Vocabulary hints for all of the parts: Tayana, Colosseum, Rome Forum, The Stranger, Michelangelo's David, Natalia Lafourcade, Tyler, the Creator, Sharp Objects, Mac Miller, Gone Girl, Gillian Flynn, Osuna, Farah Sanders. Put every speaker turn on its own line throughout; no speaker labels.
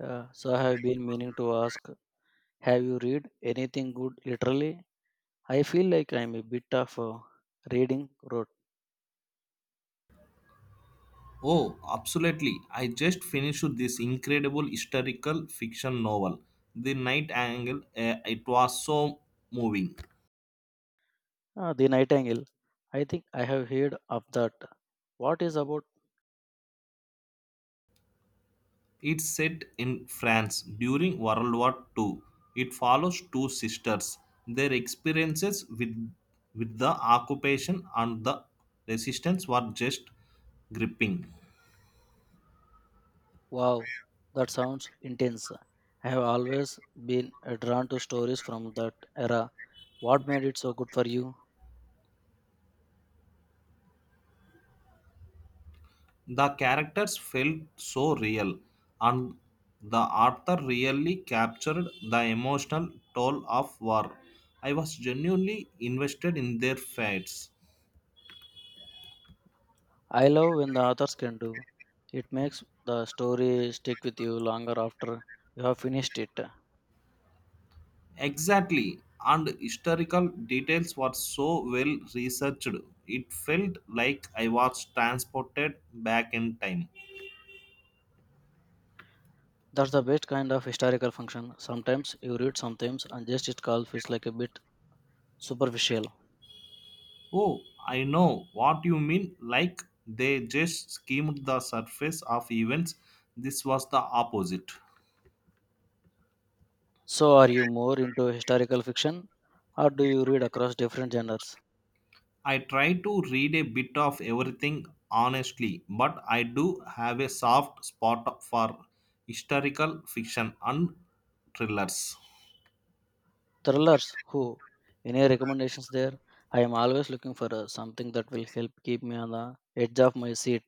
Yeah, so I have been meaning to ask, have you read anything good literally? I feel like I'm a bit of a reading rot.
Oh, absolutely. I just finished this incredible historical fiction novel, The Night Angle. It was so moving.
Ah, the Nightingale. I think I have heard of that. What is about?
It's set in France during World War II. It follows two sisters, their experiences with the occupation and the resistance were just gripping.
Wow, that sounds intense. I have always been drawn to stories from that era. What made it so good for you?
The characters felt so real, and the author really captured the emotional toll of war. I was genuinely invested in their fates.
I love when the authors can do. It makes the story stick with you longer after you have finished it.
Exactly, and historical details were so well researched. It felt like I was transported back in time.
That's the best kind of historical function. Sometimes you read sometimes and just it all feels like a bit superficial.
Oh, I know what you mean. Like they just skimmed the surface of events. This was the opposite.
So are you more into historical fiction or do you read across different genres?
I try to read a bit of everything honestly, but I do have a soft spot for historical fiction and thrillers.
Thrillers, who? Any recommendations there? I am always looking for something that will help keep me on the edge of my seat.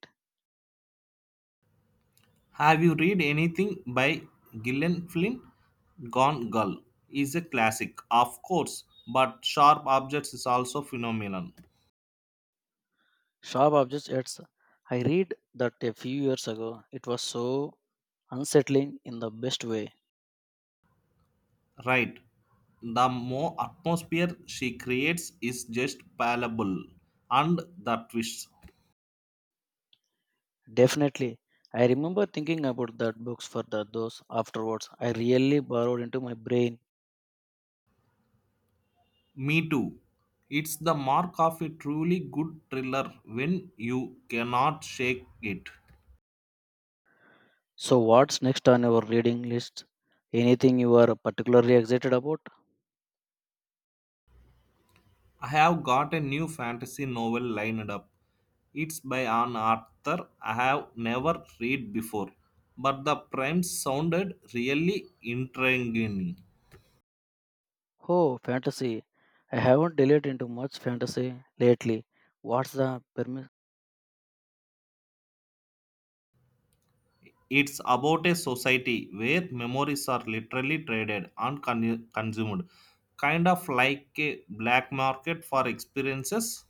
Have you read anything by Gillian Flynn? Gone Girl is a classic, of course, but Sharp Objects is also phenomenal.
Sharp Objects It's I read that a few years ago. It was so unsettling in the best way.
Right. The more atmosphere she creates is just palpable, and the twists.
Definitely. I remember thinking about that books for those afterwards. I really borrowed into my brain.
Me too. It's the mark of a truly good thriller when you cannot shake it.
So what's next on your reading list? Anything you are particularly excited about?
I have got a new fantasy novel lined up. It's by an author I have never read before, but the premise sounded really intriguing.
Oh, fantasy. I haven't delved into much fantasy lately. What's the permi-
It's about a society where memories are literally traded and consumed, kind of like a black market for experiences.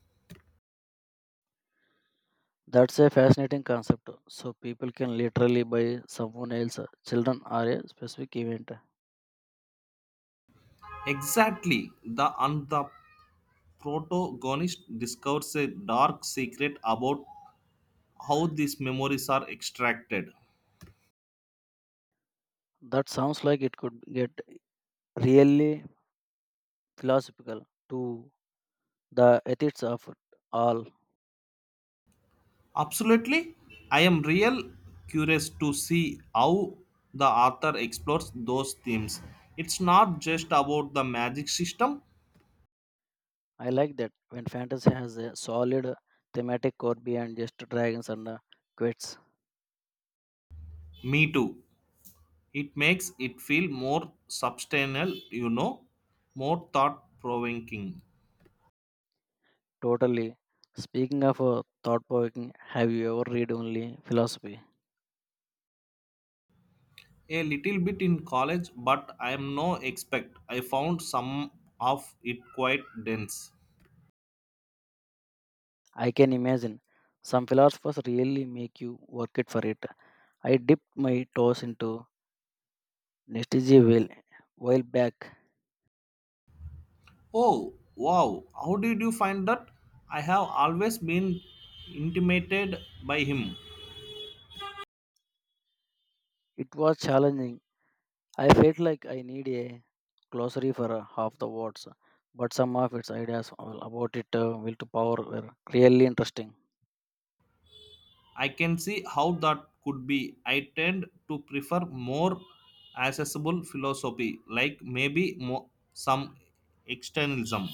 That's a fascinating concept. So people can literally buy someone else children are a specific event.
Exactly, the and the protagonist discovers a dark secret about how these memories are extracted.
That sounds like it could get really philosophical to the ethics of it all.
Absolutely, I am real curious to see how the author explores those themes. It's not just about the magic system,
I like that when fantasy has a solid thematic core beyond just dragons and quits.
me too. It makes it feel more substantial, you know, more thought provoking.
Totally. Speaking of thought provoking, have you ever read only philosophy?
A little bit in college, but I am no expert. I found some of it quite dense.
I can imagine some philosophers really make you work it for it. I dipped my toes into Nietzsche well while back.
Oh, wow. How did you find that? I have always been intimidated by him.
It was challenging. I felt like I need a glossary for half the words, but some of its ideas all about it will to power were really interesting.
I can see how that could be. I tend to prefer more accessible philosophy, like some externalism.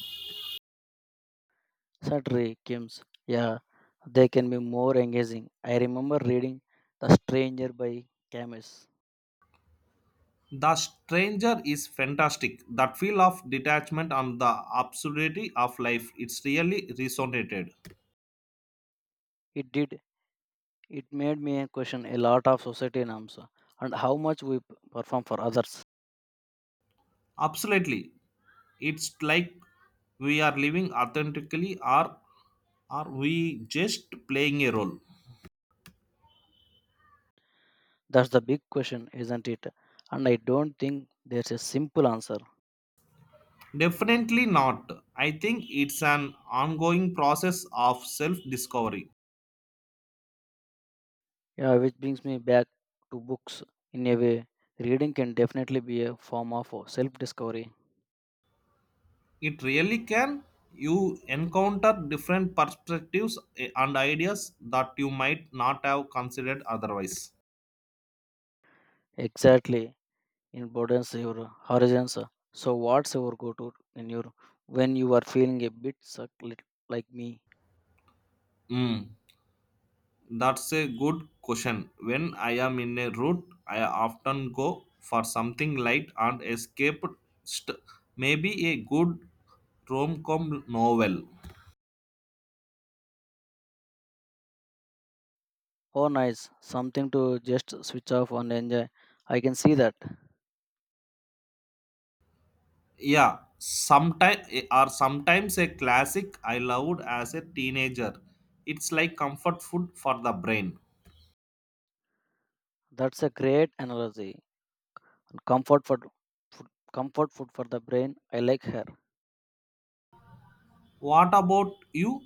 Saturday, Kim's, yeah, they can be more engaging. I remember reading The Stranger by Camus.
The stranger is fantastic. That feel of detachment and the absurdity of life, it's really resonated.
It did, it made me question a lot of society norms and how much we perform for others.
Absolutely. It's like we are living authentically or are we just playing a role?
That's the big question, isn't it? And I don't think there's a simple answer.
Definitely not. I think it's an ongoing process of self discovery.
Yeah, which brings me back to books in a way. Reading can definitely be a form of self discovery.
It really can. You encounter different perspectives and ideas that you might not have considered otherwise.
Exactly. It broadens your horizons. So what's your go to in your when you are feeling a bit suck like me?
Mm. That's a good question. When I am in a route, I often go for something light and escape. St- Maybe a good rom-com novel.
Oh nice. Something to just switch off and enjoy. I can see that.
Yeah, sometimes or sometimes a classic I loved as a teenager. It's like comfort food for the brain.
That's a great analogy. Comfort for food comfort food for the brain. I like her.
What about you?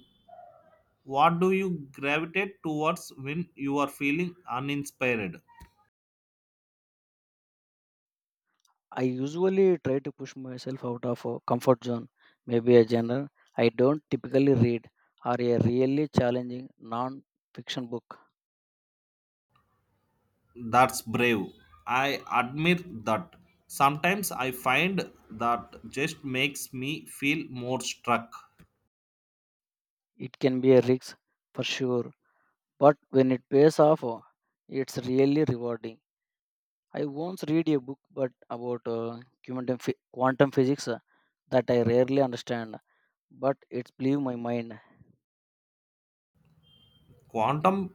What do you gravitate towards when you are feeling uninspired?
I usually try to push myself out of a comfort zone, maybe a genre I don't typically read or a really challenging non fiction book.
That's brave. I admire that. Sometimes I find that just makes me feel more struck.
It can be a risk for sure, but when it pays off, it's really rewarding. I once read a book but about quantum physics that I rarely understand, but it blew my mind.
Quantum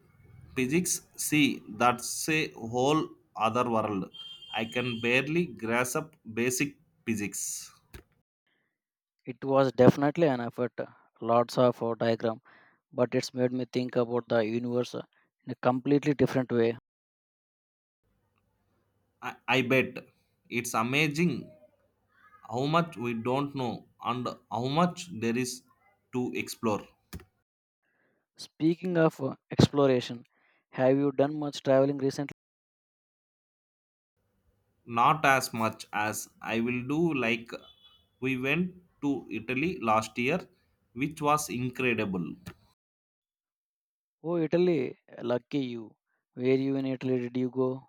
physics, see, that's a whole other world. I can barely grasp basic physics.
It was definitely an effort, lots of diagrams but it's made me think about the universe in a completely different way.
I bet it's amazing how much we don't know and how much there is to explore.
Speaking of exploration, have you done much traveling recently?
Not as much as I will do, like we went to Italy last year, which was incredible.
Oh, Italy, lucky you. Where you in Italy did you go?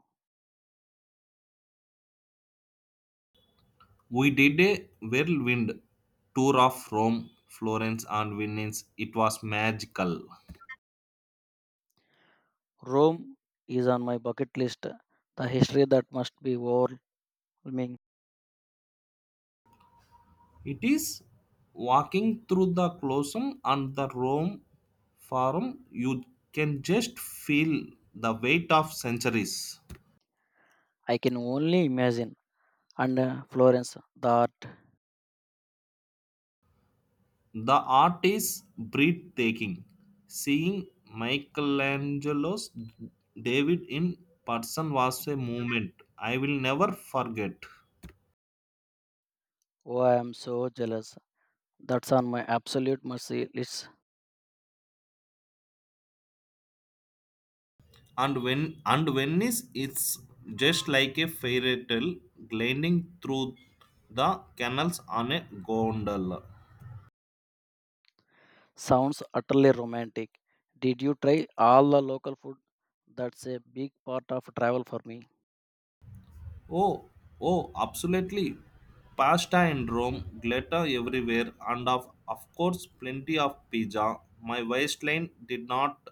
We did a whirlwind tour of Rome, Florence, and Venice. It was magical.
Rome is on my bucket list. The history that must be overwhelming.
It is. Walking through the Colosseum and the Rome Forum, you can just feel the weight of centuries.
I can only imagine. And Florence, that
The art is breathtaking. Seeing Michelangelo's David in person was a moment I will never forget.
oh, I am so jealous. That's on my absolute mercy list.
And Venice is just like a fairy tale, gliding through the canals on a gondola.
Sounds utterly romantic. Did you try all the local food? That's a big part of travel for me.
Oh, oh, absolutely. Pasta in Rome, glitter everywhere, and of course, plenty of pizza. My waistline did not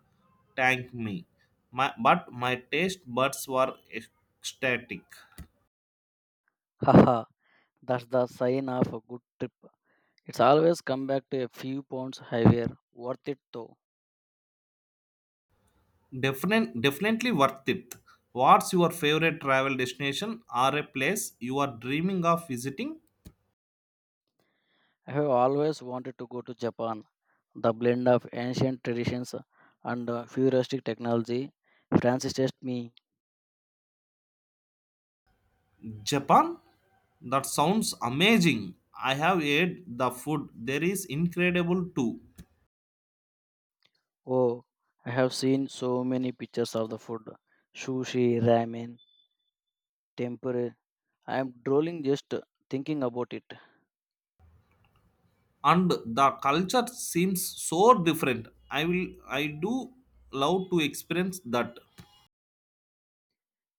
thank me, but my taste buds were ecstatic.
Haha, that's the sign of a good trip. It's always come back to a few pounds heavier. Worth it though.
Definitely worth it. What's your favorite travel destination or a place you are dreaming of visiting?
I have always wanted to go to Japan. The blend of ancient traditions and futuristic technology. Francis test me,
Japan? That sounds amazing. I have ate the food. There is incredible too.
oh, I have seen so many pictures of the food sushi, ramen, tempura. I am drooling just thinking about it.
And the culture seems so different. I will, I do love to experience that.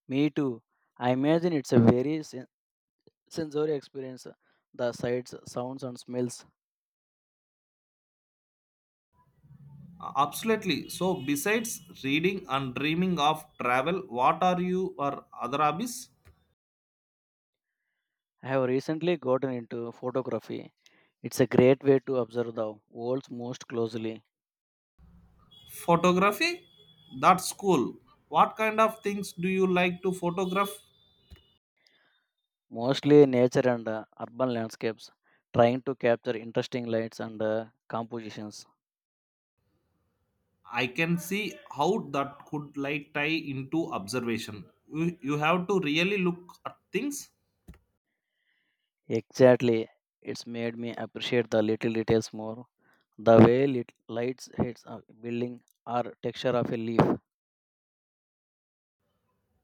Me too. I imagine it's a very sensory experience. The sights, sounds, and smells.
Absolutely. So besides reading and dreaming of travel, what are you, or other hobbies?
I have recently gotten into photography. It's a great way to observe the world most closely,
Photography, that's cool. What kind of things do you like to photograph?
mostly nature and urban landscapes, trying to capture interesting lights and compositions.
I can see how that could like tie into observation. You have to really look at things.
Exactly. It's made me appreciate the little details more. The way lights hits a building or texture of a leaf.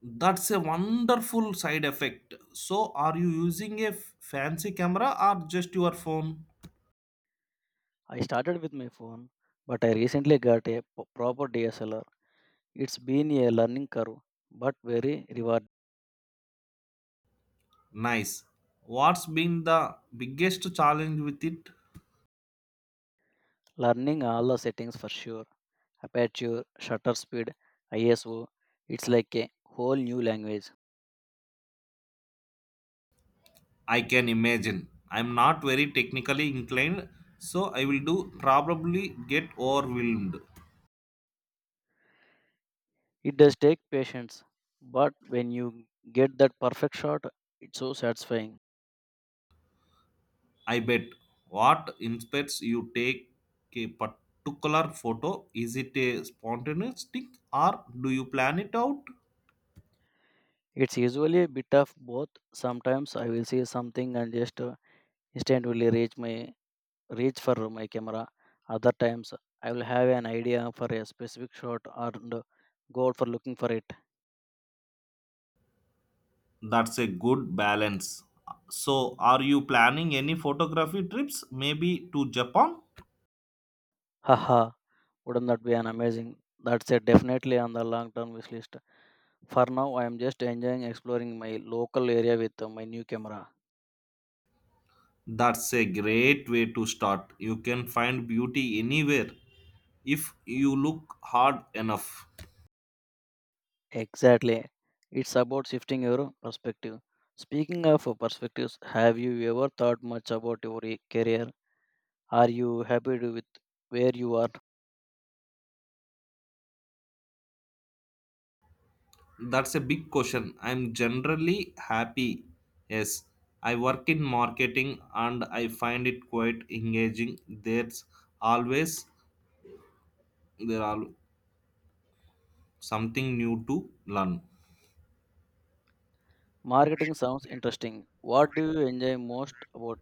That's a wonderful side effect. So, are you using a fancy camera or just your phone?
I started with my phone, but I recently got a proper DSLR. It's been a learning curve, but very rewarding.
Nice. What's been the biggest challenge with it?
Learning all the settings for sure aperture, shutter speed, ISO. It's like a whole new language.
I can imagine. I'm not very technically inclined, so I will do probably get overwhelmed.
It does take patience, but when you get that perfect shot, it's so satisfying.
I bet. What inspires you take a particular photo? Is it a spontaneous thing or do you plan it out?
It's usually a bit of both. Sometimes I will see something and just instantly reach for my camera. Other times, I will have an idea for a specific shot and go out for looking for it.
That's a good balance. So, are you planning any photography trips, maybe to Japan?
Haha, wouldn't that be an amazing? That's a definitely on the long term wish list. For now, I am just enjoying exploring my local area with my new camera.
That's a great way to start. You can find beauty anywhere if you look hard enough.
Exactly. It's about shifting your perspective. Speaking of perspectives, have you ever thought much about your career? Are you happy with where you are?
That's a big question. I'm generally happy. Yes, I work in marketing and I find it quite engaging. There's always, there are something new to learn.
Marketing sounds interesting. What do you enjoy most about